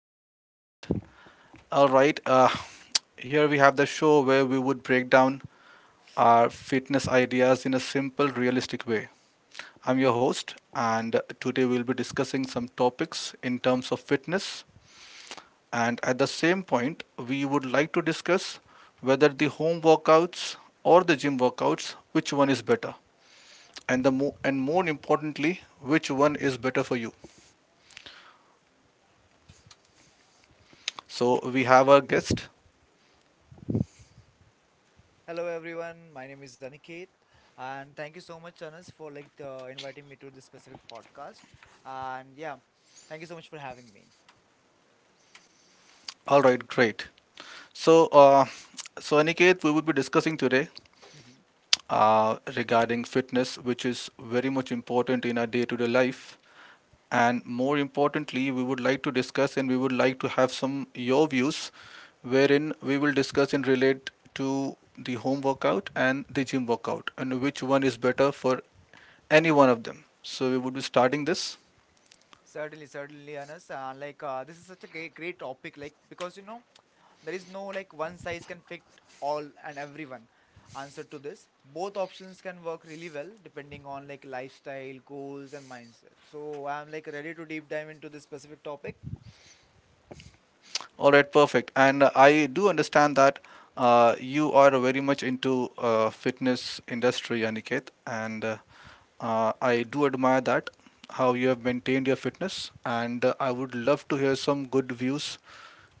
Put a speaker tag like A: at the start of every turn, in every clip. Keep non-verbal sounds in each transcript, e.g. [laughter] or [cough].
A: to the podcast. All right, here we have the show where we would break down our fitness ideas in a simple, realistic way. I'm your host, and today we'll be discussing some topics in terms of fitness. And at the same point, we would like to discuss whether the home workouts or the gym workouts, which one is better, and more importantly, which one is better for you. So we have our guest.
B: Hello everyone, my name is Aniket and thank you so much Anas for inviting me to this specific podcast and yeah, thank you so much for having me.
A: All right, great. So, uh, so Aniket, we will be discussing today
B: Mhm.
A: regarding fitness, which is very much important in our day-to-day life. And more importantly, we would like to discuss and we would like to have some your views, wherein we will discuss and relate to the home workout and the gym workout, and which one is better for any one of them. So we would be starting this.
B: Certainly, certainly Anas, this is such a great topic because there is no like one size can fit all and everyone answer to this. Both options can work really well depending on like lifestyle, goals and mindset. So I'm like ready to deep dive into this specific topic.
A: All right, perfect. And I do understand that you are very much into fitness industry, Aniket, and I do admire that how you have maintained your fitness. And I would love to hear some good views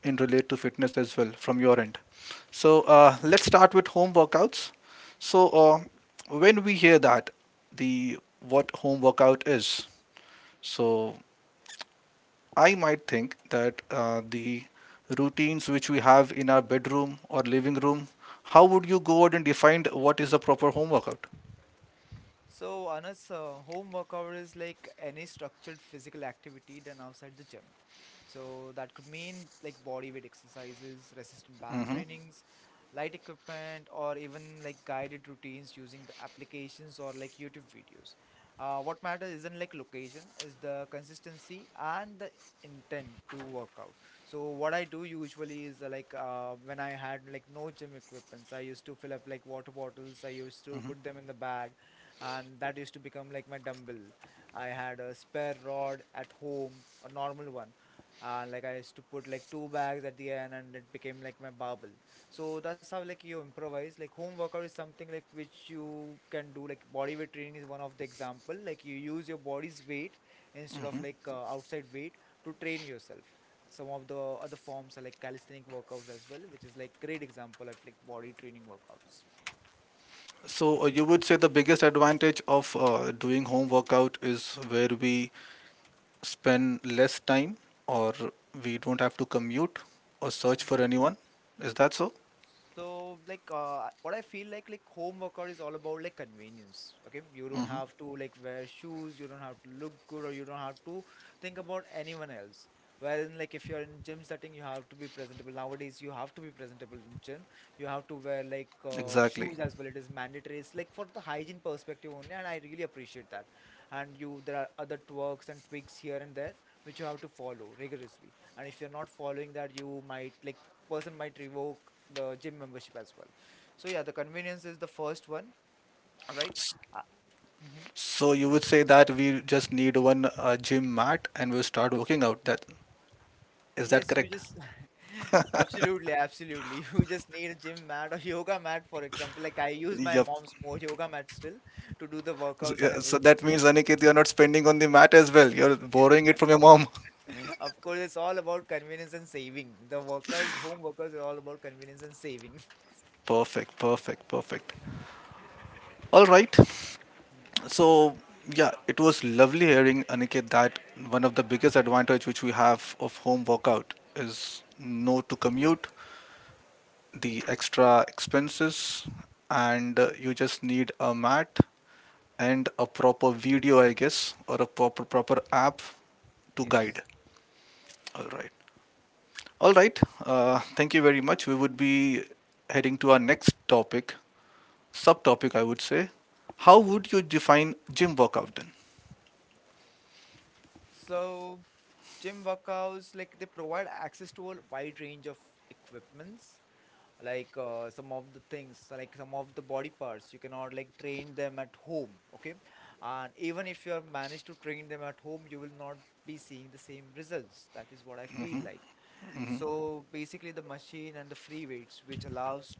A: in relate to fitness as well from your end. So let's start with home workouts. So when we hear that the what home workout is, so I might think that the routines which we have in our bedroom or living room, how would you go out and define what is the proper home workout?
B: So, Anas, home workout is like any structured physical activity done outside the gym. So that could mean like body weight exercises, resistant band
A: Hmm.
B: trainings, light equipment, or even like guided routines using the applications or like YouTube videos. What matters isn't like location, is the consistency and the intent to work out. So what I do usually is when I had like no gym equipments, I used to fill up like water bottles. I used to put them in the bag and that used to become like my dumbbell. I had a spare rod at home, a normal one, and like I used to put like two bags at the end, and it became like my barbell. So that's how like you improvise. Like home workout is something like which you can do. Like body weight training is one of the example. Like you use your body's weight instead of outside weight to train yourself. Some of the other forms are like calisthenic workouts as well, which is like great example of like body training workouts.
A: So you would say the biggest advantage of doing home workout is where we spend less time or we don't have to commute or search for
B: Mm-hmm.
A: anyone. Is that so?
B: So what I feel like home workout is all about like convenience. Okay, you don't
A: Hmm.
B: have to like wear shoes, you don't have to look good, or you don't have to think about anyone else. Wherein like if you're in gym setting, you have to be presentable. Nowadays, you have to be presentable in gym. You have to wear
A: Exactly.
B: shoes as well. It is mandatory. It's like for the hygiene perspective only, and I really appreciate that. And you, there are other twerks and tweaks here and there which you have to follow rigorously. And if you're not following that, you might like person might revoke the gym membership as well. So yeah, the convenience is the first one, right?
A: S-
B: Uh, mhm.
A: So you would say that we just need one gym mat and we'll start working out. That is that
B: Yes, you
A: correct?
B: just [laughs] absolutely, absolutely. [laughs] You just need a gym mat or yoga mat, for example. Like I use my
A: Yep.
B: mom's more yoga mat still to do the
A: So,
B: workouts and
A: yeah, so
B: everything.
A: that means, Aniket, you're not spending on the mat as well. You're borrowing it from your mom. [laughs]
B: [laughs] Of course, it's all about convenience and saving. The workouts, home workouts, are all about convenience and saving.
A: Perfect, perfect, perfect. All right.
B: [laughs] Mm.
A: So, yeah, it was lovely hearing, Aniket, that one of the biggest advantage which we have of home workout is no to commute, the extra expenses,
B: Mhm.
A: and you just need a mat and a proper video, I guess, or a proper app to
B: Yes.
A: guide. All right. All right. Thank you very much. We would be heading to our next topic, subtopic, I would say. How would you define gym workout then?
B: So, gym workouts, like they provide access to a wide range of equipments like some of the things like some of the body parts you cannot like train them at home, okay, and even if you have managed to train them at home you will not be seeing the same results, that is what I feel like. So basically, the machine and the free weights, which allows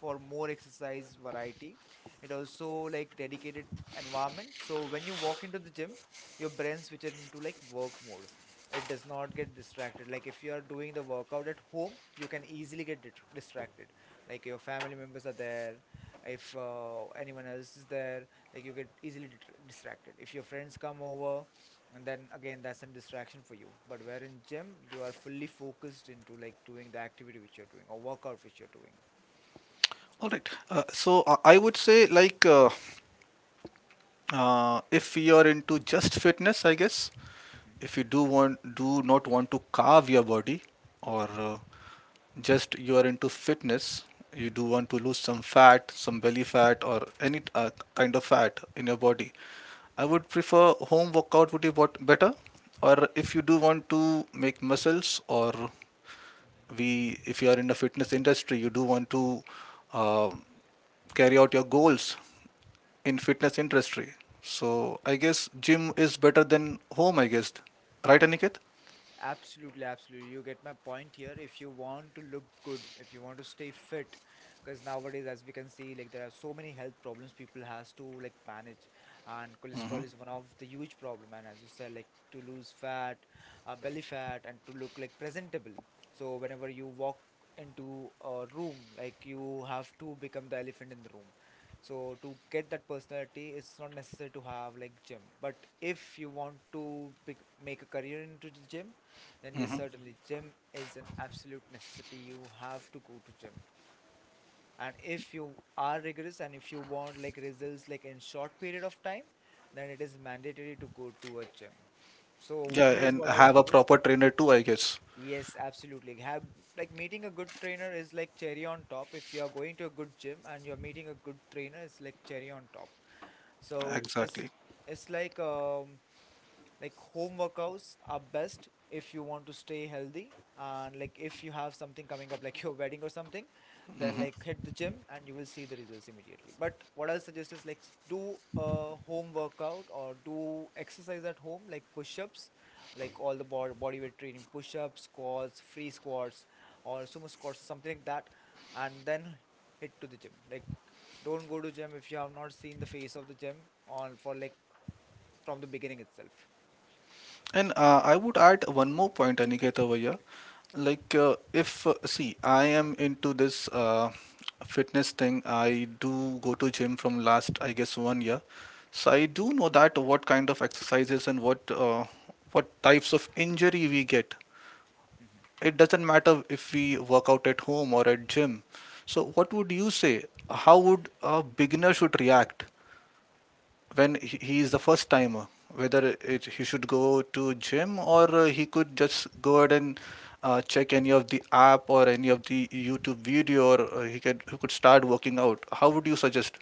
B: for more exercise variety. It also like dedicated environment. So when you walk into the gym, your brain switches into like work mode. It does not get distracted. Like if you are doing the workout at home, you can easily get distracted. Like your family members are there, if anyone else is there, like you get easily distracted. If your friends come over, and then again that's a distraction for you, but where in gym you are fully focused into like doing the activity which you're doing or workout which you're doing.
A: All right. So I would say, like, if you're into just fitness, I guess, if
B: Hmm
A: you do not want to carve your body, or just you are into fitness, you do want to lose some belly fat or any kind of fat in your body, I would prefer home workout would be what better, or if you do want to make muscles or
B: hmm.
A: we if you are in the fitness industry, you do want to uh, carry out your goals in fitness industry, so I guess gym is better than home, I guess, right, Aniket?
B: Absolutely, absolutely. You get my point here. If you want to look good, if you want to stay fit, because nowadays, as we can see, like there are so many health problems people has to like manage, and cholesterol is one of the huge problem. And as you said, like to lose fat, belly fat, and to look like presentable. So whenever you walk into a room, like you have to become the elephant in the room. So to get that personality, it's not necessary to have like gym. But if you want to make a career into the gym, then yes, certainly gym is an absolute necessity, you have to go to gym. And if you are rigorous and if you want like results like in short period of time, then it is mandatory to go to a gym. So
A: Yeah,
B: here's
A: and
B: what I'll
A: have a
B: suggest.
A: proper trainer too, I guess.
B: Yes, absolutely. Have like meeting a good trainer is like cherry on top. If you are going to a good gym and you're meeting a good trainer, it's like cherry on top. So
A: Exactly.
B: it's like like home workouts are best if you want to stay healthy, and like if you have something coming up [laughs] like your wedding or something, then like hit the gym and you will see the results immediately. But what I'll suggest is like do a home workout or do exercise at home like push-ups, like all the body weight training, push-ups, squats, free squats or sumo squats, something like that, and then hit to the gym. Like don't go to gym if you have not seen the face of the gym on for like from the beginning itself.
A: And I would add one more point, Aniketa Bhaiya. Like, if see, I am into this fitness thing. I do go to gym from last, I guess, one year. So I do know that what kind of exercises and what types of injury we get.
B: Mm-hmm.
A: It doesn't matter if we work out at home or at gym. So what would you say? How would a beginner should react when he is the first timer, whether he should go to gym or he could just go ahead and check any of the app or any of the YouTube video or he could start working out? How would you suggest?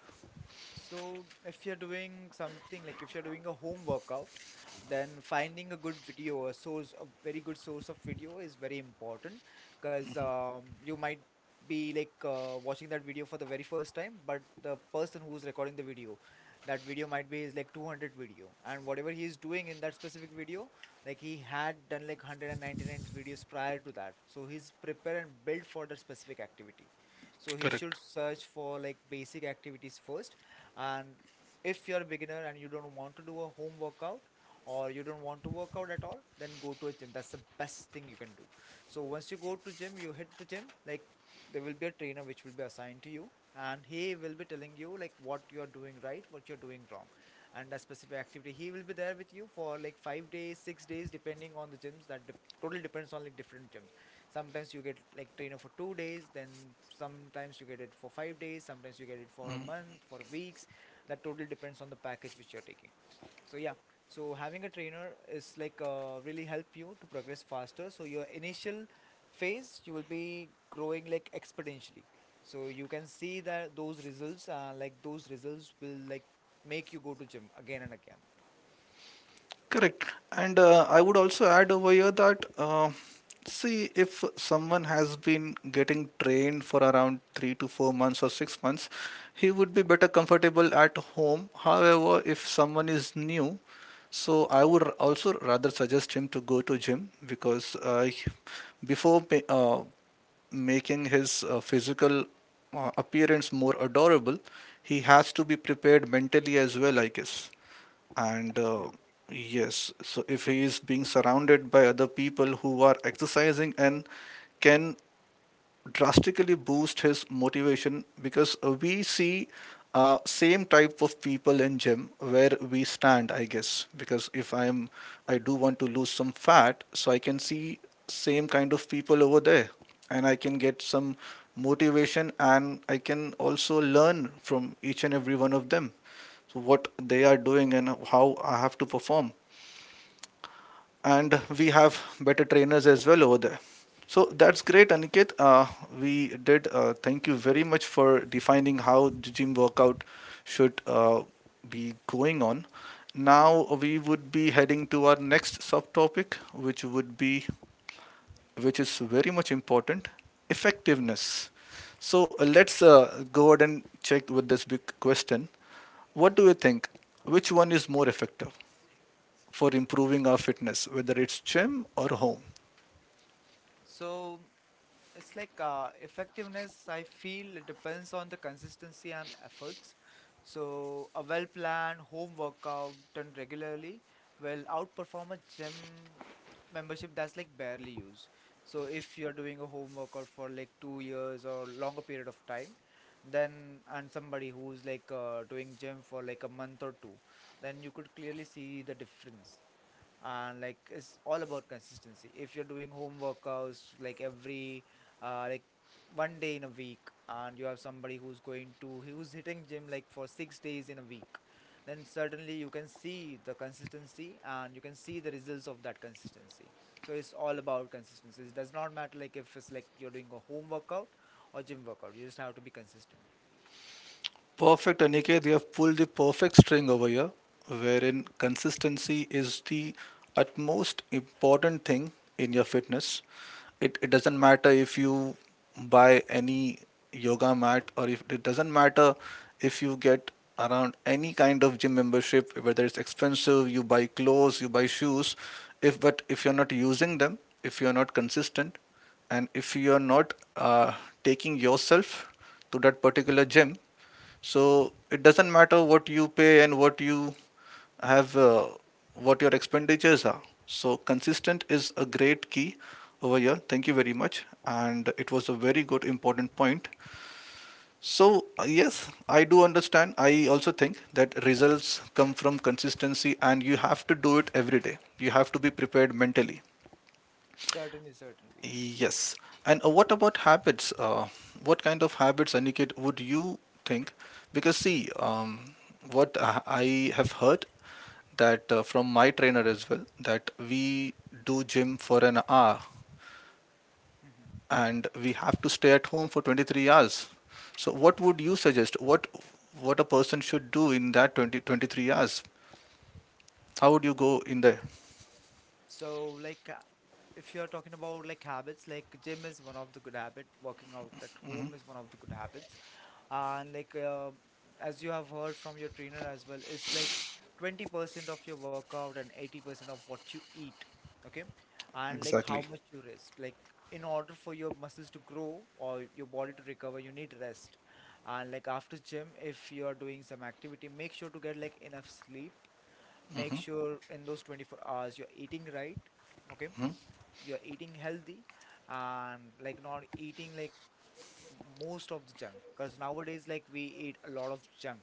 B: So, if you're doing something like if you're doing a home workout, then finding a good video, a source, a very good source of video is very important because you might be watching that video for the very first time, but the person who's recording the video, that video might be his like 200 video, and whatever he is doing in that specific video, like he had done like 199 videos prior to that, so he's prepared and built for that specific activity. So he
A: Correct.
B: should search for like basic activities first. And if you're a beginner and you don't want to do a home workout, or you don't want to work out at all, then go to a gym, that's the best thing you can do. So once you go to gym, you hit the gym. Like there will be a trainer which will be assigned to you and he will be telling you like what you're doing right, what you're doing wrong. And a specific activity, he will be there with you for like five days six days depending on the gyms. That totally depends on like different gyms. Sometimes you get like trainer for two days, then sometimes you get it for five days, sometimes you get it for a month, for a week. That totally depends on the package which you're taking. So yeah, so having a trainer is really help you to progress faster, so your initial phase you will be growing like exponentially. So you can see that those results those results will like make you go to gym again and again.
A: Correct. And I would also add over here that, see, if someone has been getting trained for around 3 to 4 months or 6 months, he would be better comfortable at home. However, if someone is new, so I would also rather suggest him to go to gym because before making his physical appearance more adorable, he has to be prepared mentally as well, I guess, and
B: Absolutely.
A: yes, so if he is being surrounded by other people who are exercising and can drastically boost his motivation because we see same type of people in gym where we stand, I guess, because if I am I do want to lose some fat, so I can see same kind of people over there, and I can get some motivation and I can also learn from each and every one of them, so what they are doing and how I have to perform, and we have better trainers as well over there. So that's great, Aniket. We did. Thank you very much for defining how the gym workout should be going on. Now we would be heading to our next subtopic, which is very much important, effectiveness. So let's go ahead and check with this big question. What do you think? Which one is more effective for improving our fitness, whether it's gym or home?
B: So it's effectiveness, I feel it depends on the consistency and efforts. So, a well planned home workout done regularly will outperform a gym membership that's like barely used. So, if you're doing a home workout for like two years or longer period of time, then and somebody who's doing gym for like a month or two, then you could clearly see the difference. And like it's all about consistency. If you're doing home workouts like every uh, like one day in a week, and you have somebody who's going to who's hitting gym like for six days in a week, then certainly you can see the consistency and you can see the results of that consistency. So it's all about consistency. It does not matter like if it's like you're doing a home workout or gym workout, you just have to be consistent.
A: Perfect, Aniket. You have pulled the perfect string over here, wherein consistency is the utmost important thing in your fitness. It doesn't matter if you buy any yoga mat, or if it doesn't matter if you get around any kind of gym membership, whether it's expensive, you buy clothes, you buy shoes. If but if you're not using them, if you're not consistent, and if you're not taking yourself to that particular gym, so it doesn't matter what you pay and what you have, what your expenditures are. So consistent is a great key over here. Thank you very much. And it was a very good, important point. So, yes, I do understand. I also think that results come from consistency and you have to do it every day. You have to be prepared mentally.
B: Certainly, certainly.
A: Yes. And what about habits? What kind of habits, Aniket, would you think? Because see, what I have heard that from my trainer as well, that we do gym for an hour
B: Mhm.
A: and we have to stay at home for 23 hours. So what would you suggest? What a person should do in that 20 23 hours? How would you go in there?
B: So if you're talking about like habits, like gym is one of the good habit, working out at home is one of the good habits. And as you have heard from your trainer as well, it's like 20% of your workout and 80% of what you eat. Okay? And like how
A: Exactly.
B: much you rest. Like in order for your muscles to grow or your body to recover, you need rest. And like after gym, if you are doing some activity, make sure to get like enough sleep. Make
A: Hmm.
B: sure in those 24 hours you're eating right, okay, you're eating healthy, and like not eating like most of the junk, because nowadays like we eat a lot of junk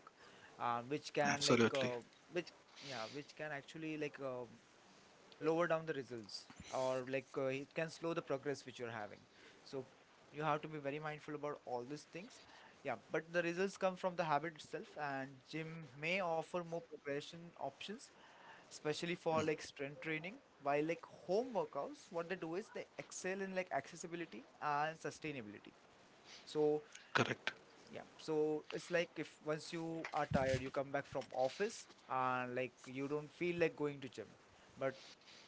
B: which can like
A: Absolutely.
B: which yeah, which can actually lower down the results, or like it can slow the progress which you're having. So you have to be very mindful about all these things. Yeah, but the results come from the habit itself, and gym may offer more progression options, especially for like strength training, while like home workouts, what they do is they excel in like accessibility and sustainability. So
A: Correct.
B: yeah, so it's like, if once you are tired, you come back from office and like you don't feel like going to gym. But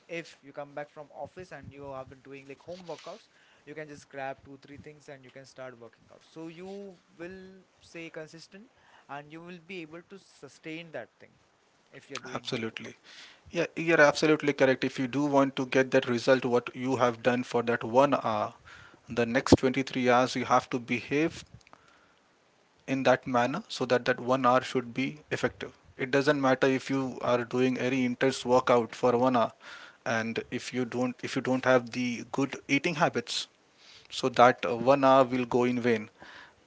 B: if you come back from office and you have been doing like home workouts, you can just grab 2 3 things and you can start working out, so you will stay consistent and you will be able to sustain that thing if you're doing home
A: Absolutely.
B: workout.
A: Yeah, you're absolutely correct. If you do want to get that result, what you have done for that one hour, the next 23 hours, you have to behave in that manner so that that one hour should be effective. It doesn't matter if you are doing very intense workout for one hour and if you don't have the good eating habits, so that one hour will go in vain.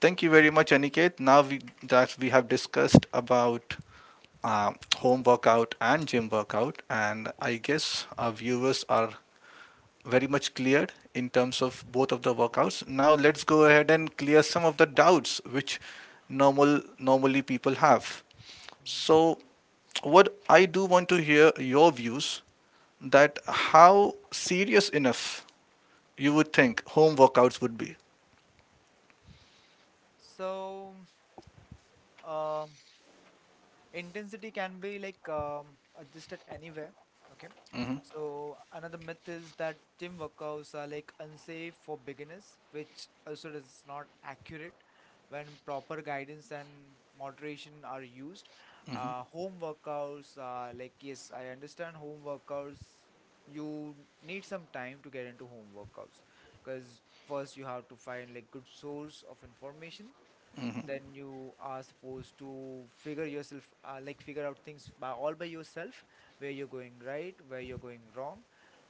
A: Thank you very much, Aniket. Now that we have discussed about uh, home workout and gym workout, and I guess our viewers are very much cleared in terms of both of the workouts. Now let's go ahead and clear some of the doubts which normally people have.
B: Mhm.
A: So what I do want to hear your views, that how serious enough you would think home workouts would be.
B: So Um, intensity can be like adjusted anywhere. Okay. So another myth is that gym workouts are like unsafe for beginners, which also is not accurate. When proper guidance and moderation are used, home workouts are like, yes, I understand home workouts. You need some time to get into home workouts, because first you have to find like good source of information, then you are supposed to figure yourself like figure out things by all by yourself, where you're going right, where you're going wrong.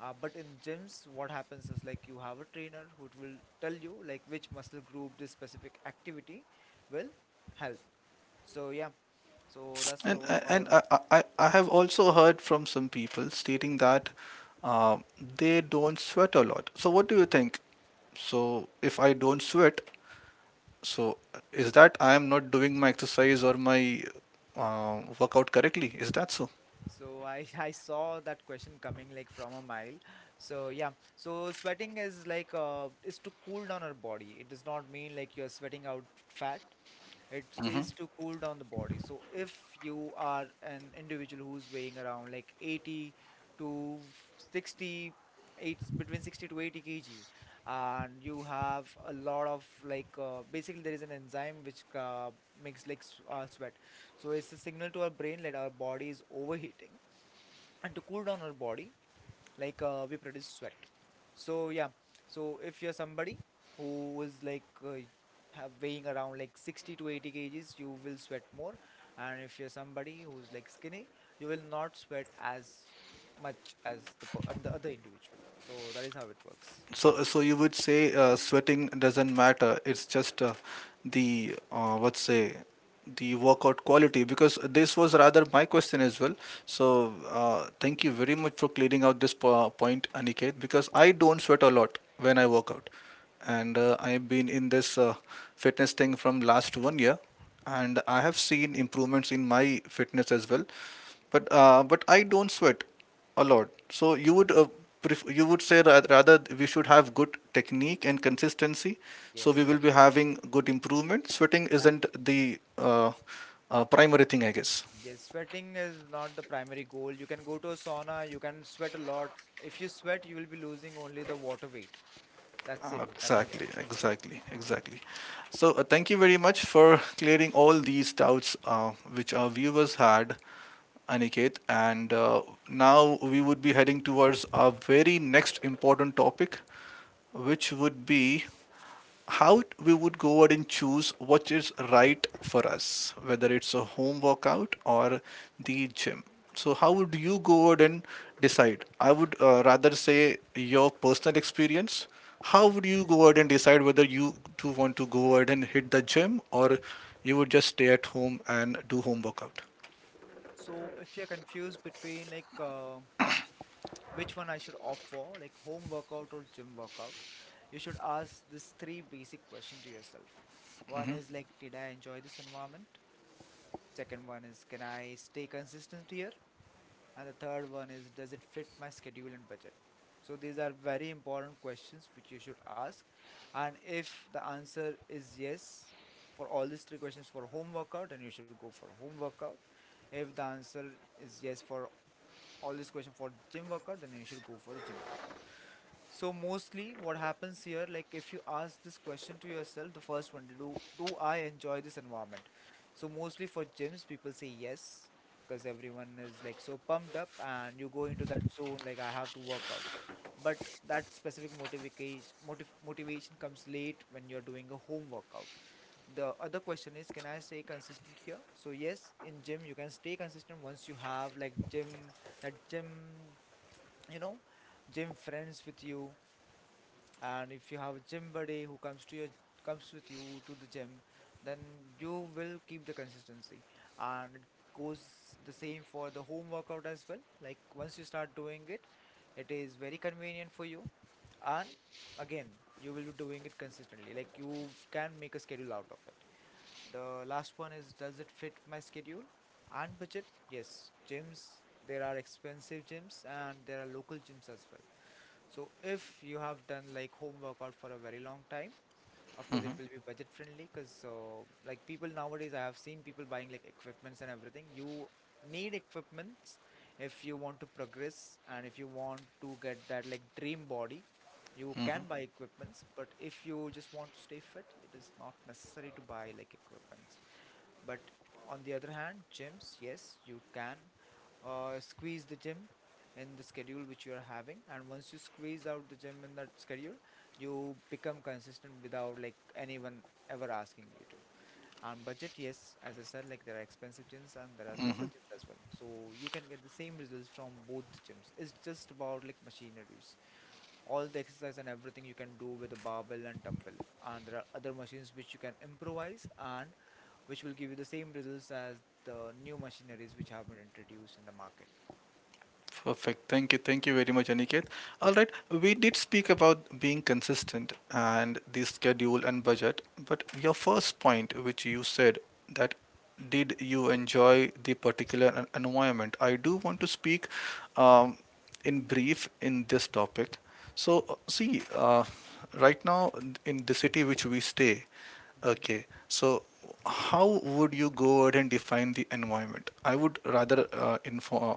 B: Uh, but in gyms, what happens is like you have a trainer who will tell you like which muscle group this specific activity will help. So yeah, so that's
A: And
B: all
A: and
B: about
A: I,
B: like,
A: I, I have also heard from some people stating that uh, they don't sweat a lot. So what do you think? So if I don't sweat, so is that I am not doing my exercise or my workout correctly? Is that so?
B: so I [laughs] I saw that question coming like from a mile. So yeah, so sweating is like is to cool down our body. It does not mean like you're sweating out fat. It
A: Hmm.
B: is to cool down the body. So if you are an individual who's weighing around like 80 to 60, it's between 60 to 80 kg, and you have a lot of like basically there is an enzyme which makes like sweat. So it's a signal to our brain that our body is overheating, and to cool down our body, like we produce sweat. So yeah, so if you're somebody who is like have weighing around like 60 to 80 kgs, you will sweat more. And if you're somebody who's like skinny, you will not sweat as much as the other individual. So that is how it works.
A: So you would say sweating doesn't matter. It's just the let say the workout quality, because this was rather my question as well. So thank you very much for clearing out this point, Aniket, because I don't sweat a lot when I work out, and I've been in this fitness thing from last one year and I have seen improvements in my fitness as well. But I don't sweat a lot. So you would you would say rather we should have good technique and consistency. So we
B: Yes,
A: will be having good improvement. Sweating isn't
B: absolutely.
A: the primary thing, I guess.
B: Yes, sweating is not the primary goal. You can go to a sauna, you can sweat a lot. If you sweat, you will be losing only the water weight. That's it, nothing
A: Exactly,
B: else.
A: exactly, exactly. So, thank you very much for clearing all these doubts which our viewers had, Aniket. And now we would be heading towards our very next important topic, which would be how we would go out and choose what is right for us, whether it's a home workout or the gym. So, how would you go out and decide? I would rather say your personal experience. How
B: Mhm.
A: would you go out and decide whether you do want to go out and hit the gym or you would just stay at home and do home workout?
B: So if you're confused between like which one I should opt for, like home workout or gym workout, you should ask these three basic questions to yourself. One is like, did I enjoy this environment? Second one is, can I stay consistent here? And the third one is, does it fit my schedule and budget? So these are very important questions which you should ask. And if the answer is yes for all these three questions for home workout, then you should go for home workout. If the answer is yes for all this question for gym workout, then you should go for the gym workout. So mostly what happens here, like if you ask this question to yourself, the first one, do I enjoy this environment? So mostly for gyms, people say yes, because everyone is like so pumped up and you go into that zone like I have to work out. But that specific motivation comes late when you're doing a home workout. The other question is, can I stay consistent here? So yes, in gym you can stay consistent once you have like gym, you know, gym friends with you. And if you have a gym buddy who comes with you to the gym, then you will keep the consistency. And it goes the same for the home workout as well. Like once you start doing it, it is very convenient for you, and again, you will be doing it consistently. Like you can make a schedule out of it. The last one is, does it fit my schedule and budget? Yes, gyms, there are expensive gyms and there are local gyms as well. So if you have done like home workout for a very long time, of course it will be budget friendly, because like people nowadays, I have seen people buying like equipments and everything. You need equipments if you want to progress and if you want to get that like dream body. You can buy equipments, but if you just want to stay fit, it is not necessary to buy like equipment. But on the other hand, gyms, yes, you can squeeze the gym in the schedule which you are having. And once you squeeze out the gym in that schedule, you become consistent without like anyone ever asking you to. And budget, yes, as I said, like there are expensive gyms and there are local gyms as well. So you can get the same results from both the gyms. It's just about like machineries. All the exercise and everything you can do with a barbell and dumbbell. And there are other machines which you can improvise and which will give you the same results as the new machineries which have been introduced in the market.
A: Perfect. Thank you. Thank you very much, Aniket. All right. We did speak about being consistent and the schedule and budget, but your first point, which you said that did you enjoy the particular environment? I do want to speak um, in brief in this topic. So, see, right now in the city which we stay,
B: Mm-hmm.
A: okay, so how would you go ahead and define the environment? I would rather inform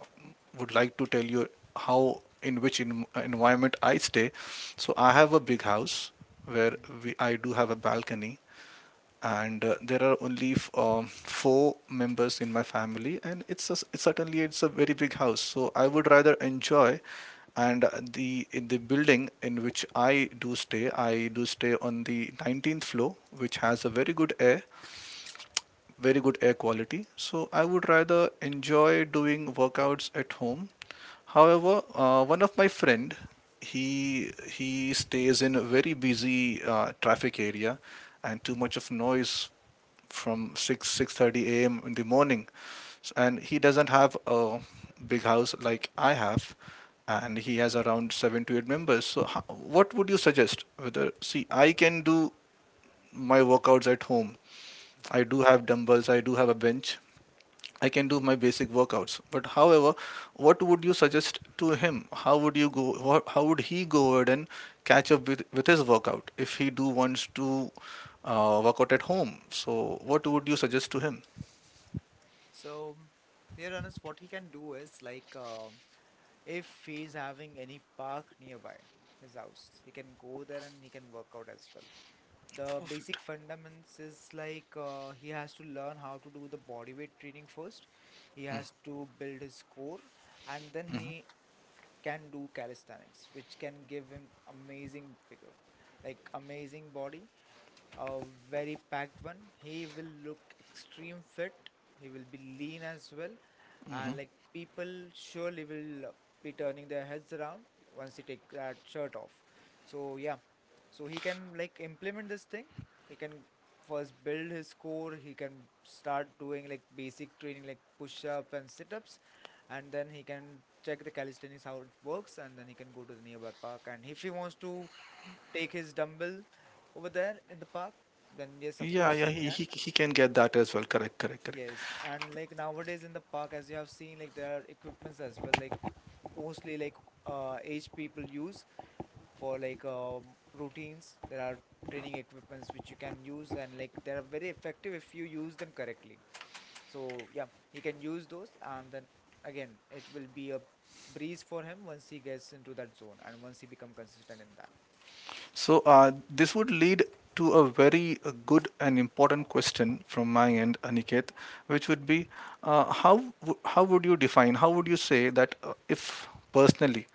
A: would like to tell you how environment I stay. So I have a big house where
B: Mm-hmm.
A: I do have a balcony, and there are only four members in my family, and it's a it's certainly it's a very big house. So I would rather enjoy. And the in the building in which I do stay on the 19th floor, which has a very good air quality. So I would rather enjoy doing workouts at home. However, one of my friend, he stays in a very busy traffic area, and too much of noise from six thirty a.m. in the morning, and he doesn't have a big house like I have. And he has around seven to eight members. So, what would you suggest? Whether See, I can do my workouts at home.
B: Mm-hmm.
A: I do have dumbbells. I do have a bench. I can do my basic workouts. But however, what would you suggest to him? How would he go ahead and catch up with his workout if he do wants to work out at home? So what would you suggest to him?
B: So, here Anas, what he can do is like if he's having any park nearby his house, he can go there and he can work out as well. The
A: Perfect.
B: basic fundamentals is like he has to learn how to do the body weight training first. He has to build his core, and then he can do calisthenics, which can give him amazing figure, like amazing body, a very packed one. He will look extreme fit. He will be lean as well. And like people surely will be turning their heads around once he take that shirt off. So yeah, so he can like implement this thing. He can first build his core. He can start doing like basic training like push-ups and sit-ups, and then he can check the calisthenics how it works, and then he can go to the nearby park. And if he wants to take his dumbbell over there in the park, then yes, of
A: Yeah,
B: course
A: yeah,
B: he
A: he,
B: can.
A: he, he can get that as well. Correct, correct, correct.
B: Yes, and like nowadays in the park, as you have seen, like there are equipments as well, like mostly like aged people use for like routines. There are training equipments which you can use, and like they are very effective if you use them correctly. So yeah, he can use those, and then again, it will be a breeze for him once he gets into that zone and once he become consistent in that.
A: So, this would lead to a very good and important question from my end, Aniket, which would be how would you define, how would you say that if personally,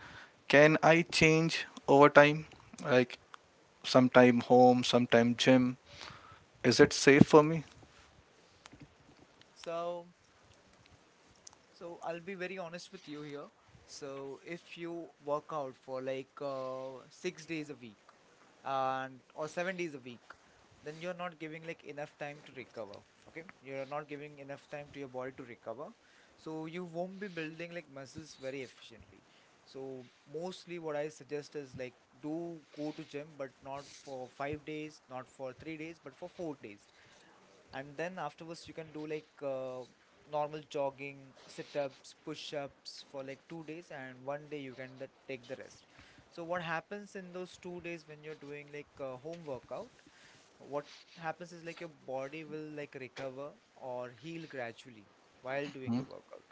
A: can I change over time? Like sometime home, sometime gym? Is it safe for me?
B: So So I'll be very honest with you here. So if you work out for like 6 days a week, and or 7 days a week, then you're not giving like enough time to recover. Okay, you're not giving enough time to your body to recover, so you won't be building like muscles very efficiently. So mostly what I suggest is like, do go to gym, but not for 5 days, not for 3 days, but for 4 days, and then afterwards you can do like normal jogging, sit-ups, push-ups for like 2 days, and one day you can take the rest. So what happens in those 2 days when you're doing like home workout, what happens is like your body will like recover or heal gradually while doing the workout.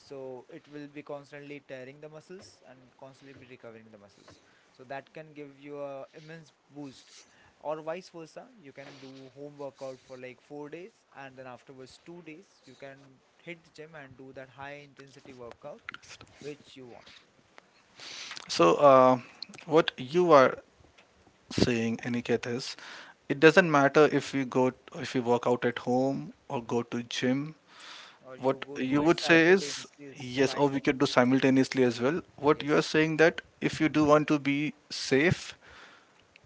B: So it will be constantly tearing the muscles and constantly be recovering the muscles, so that can give you a immense boost. Or vice versa, you can do home workout for like 4 days, and then afterwards 2 days you can hit the gym and do that high intensity workout which you want,
A: So, what you are saying, Aniket, is it doesn't matter if we work out at home or go to gym.
B: or you
A: What
B: go to
A: you
B: it
A: would say is
B: simultaneously is
A: yes, or
B: fine.
A: we could do simultaneously as well. What you are
B: Yes.
A: saying that if you do want to be safe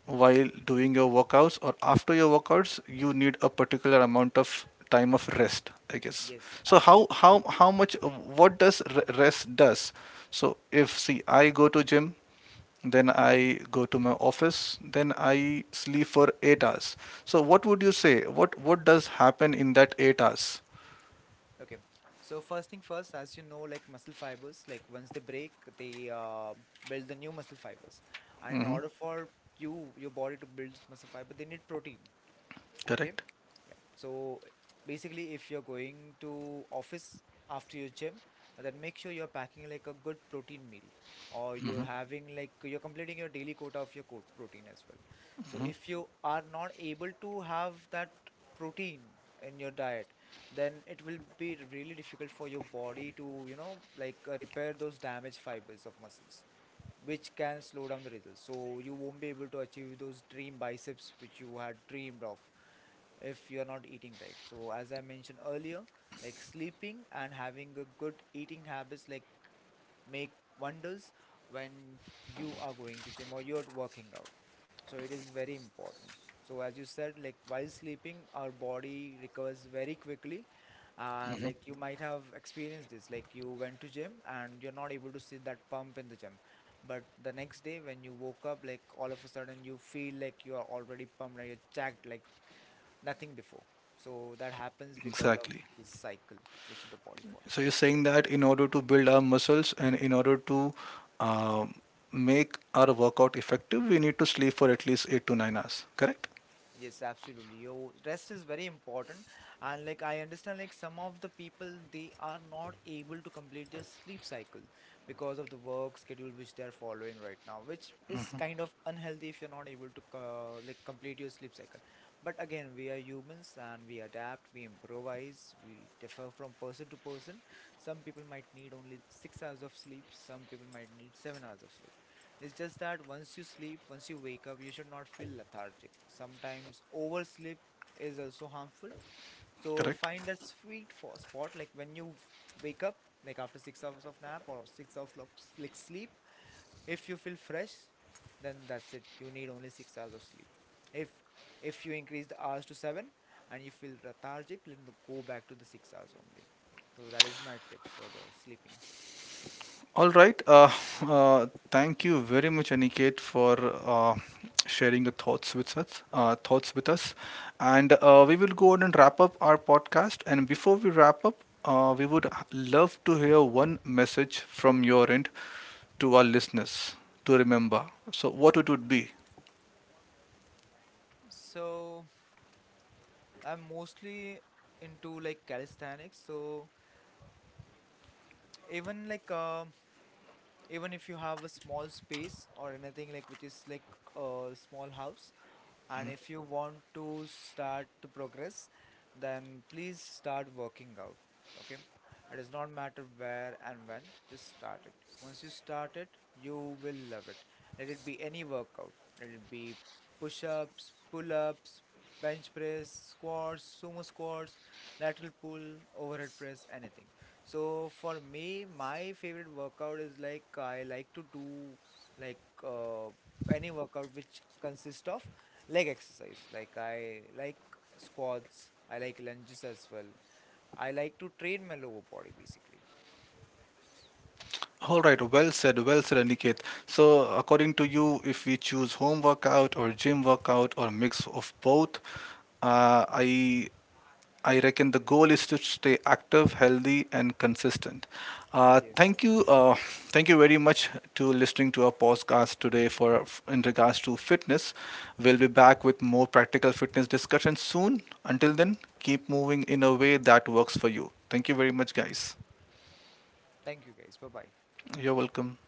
A: while doing your workouts or after your workouts, you need a particular amount of time of rest, I guess.
B: Yes,
A: So how
B: absolutely.
A: how how much, what does rest does? So if see, I go to gym, then
B: Mhm.
A: I go to my office, then I sleep for 8 hours. So what would you say? What does happen in that 8 hours?
B: Okay. So first thing first, as you know, like muscle fibers, like once they break, they build the new muscle fibers. And in
A: Hmm.
B: order for your body to build muscle fiber, they need protein. Okay.
A: Correct.
B: Yeah. So basically, if you're going to office after your gym, then make sure you're packing like a good protein meal, or you're having like you're completing your daily quota of your protein as well. So if you are not able to have that protein in your diet, then it will be really difficult for your body to, you know, like repair those damaged fibers of muscles, which can slow down the results. So you won't be able to achieve those dream biceps which you had dreamed of if you're not eating right. So as I mentioned earlier, like sleeping and having a good eating habits like make wonders when you are going to gym or you're working out. So it is very important. So as you said, like while sleeping, our body recovers very quickly. Like you might have experienced this, like you went to gym and you're not able to see that pump in the gym, but the next day when you woke up, like all of a sudden you feel like you are already pumped, like you're jacked, like nothing before. So that happens because of
A: Exactly.
B: this cycle which the body
A: So you're
B: follows.
A: saying that in order to build our muscles and in order to um, make our workout effective, we need to sleep for at least 8 to 9 hours. Correct?
B: Yes, absolutely. Your rest is very important. And like I understand like some of the people, they are not able to complete their sleep cycle because of the work schedule which they're following right now, which is kind of unhealthy if you're not able to like complete your sleep cycle. But again, we are humans and we adapt, we improvise, we differ from person to person. Some people might need only 6 hours of sleep, some people might need 7 hours of sleep. It's just that once you sleep, once you wake up, you should not feel lethargic. Sometimes oversleep is also harmful. So
A: Correct.
B: find that sweet spot, like when you wake up, like after 6 hours of nap or 6 hours of like sleep. If you feel fresh, then that's it. You need only 6 hours of sleep. If if you increase the hours to seven and you feel lethargic, then go back to the 6 hours only. So that is my tip for the sleeping.
A: All right. [laughs] Thank you very much, Aniket, for uh, sharing the thoughts with us. Thoughts with us, and we will go on and wrap up our podcast. And before we wrap up, we would love to hear one message from your end to our listeners to remember. So, what it would be?
B: So I'm mostly into like calisthenics. So even like even if you have a small space or anything like which is like a small house, and if you want to start to progress, then please start working out. Okay. It does not matter where and when, just start it. Once you start it, you will love it. Let it be any workout. Let it be push ups, pull ups, bench press, squats, sumo squats, lateral pull, overhead press, anything. So for me, my favorite workout is like I like to do like any workout which consists of leg exercise. Like I like squats, I like lunges as well. I like to train my lower body basically.
A: All right, well said, Aniket. So, according to you, if we choose home workout or gym workout or mix of both, uh, I I reckon the goal is to stay active, healthy, and consistent.
B: Yes.
A: Thank you very much to listening to our podcast today for in regards to fitness. We'll be back with more practical fitness discussions soon. Until then, keep moving in a way that works for you. Thank you very much, guys.
B: Thank you guys. Bye bye.
A: You're welcome.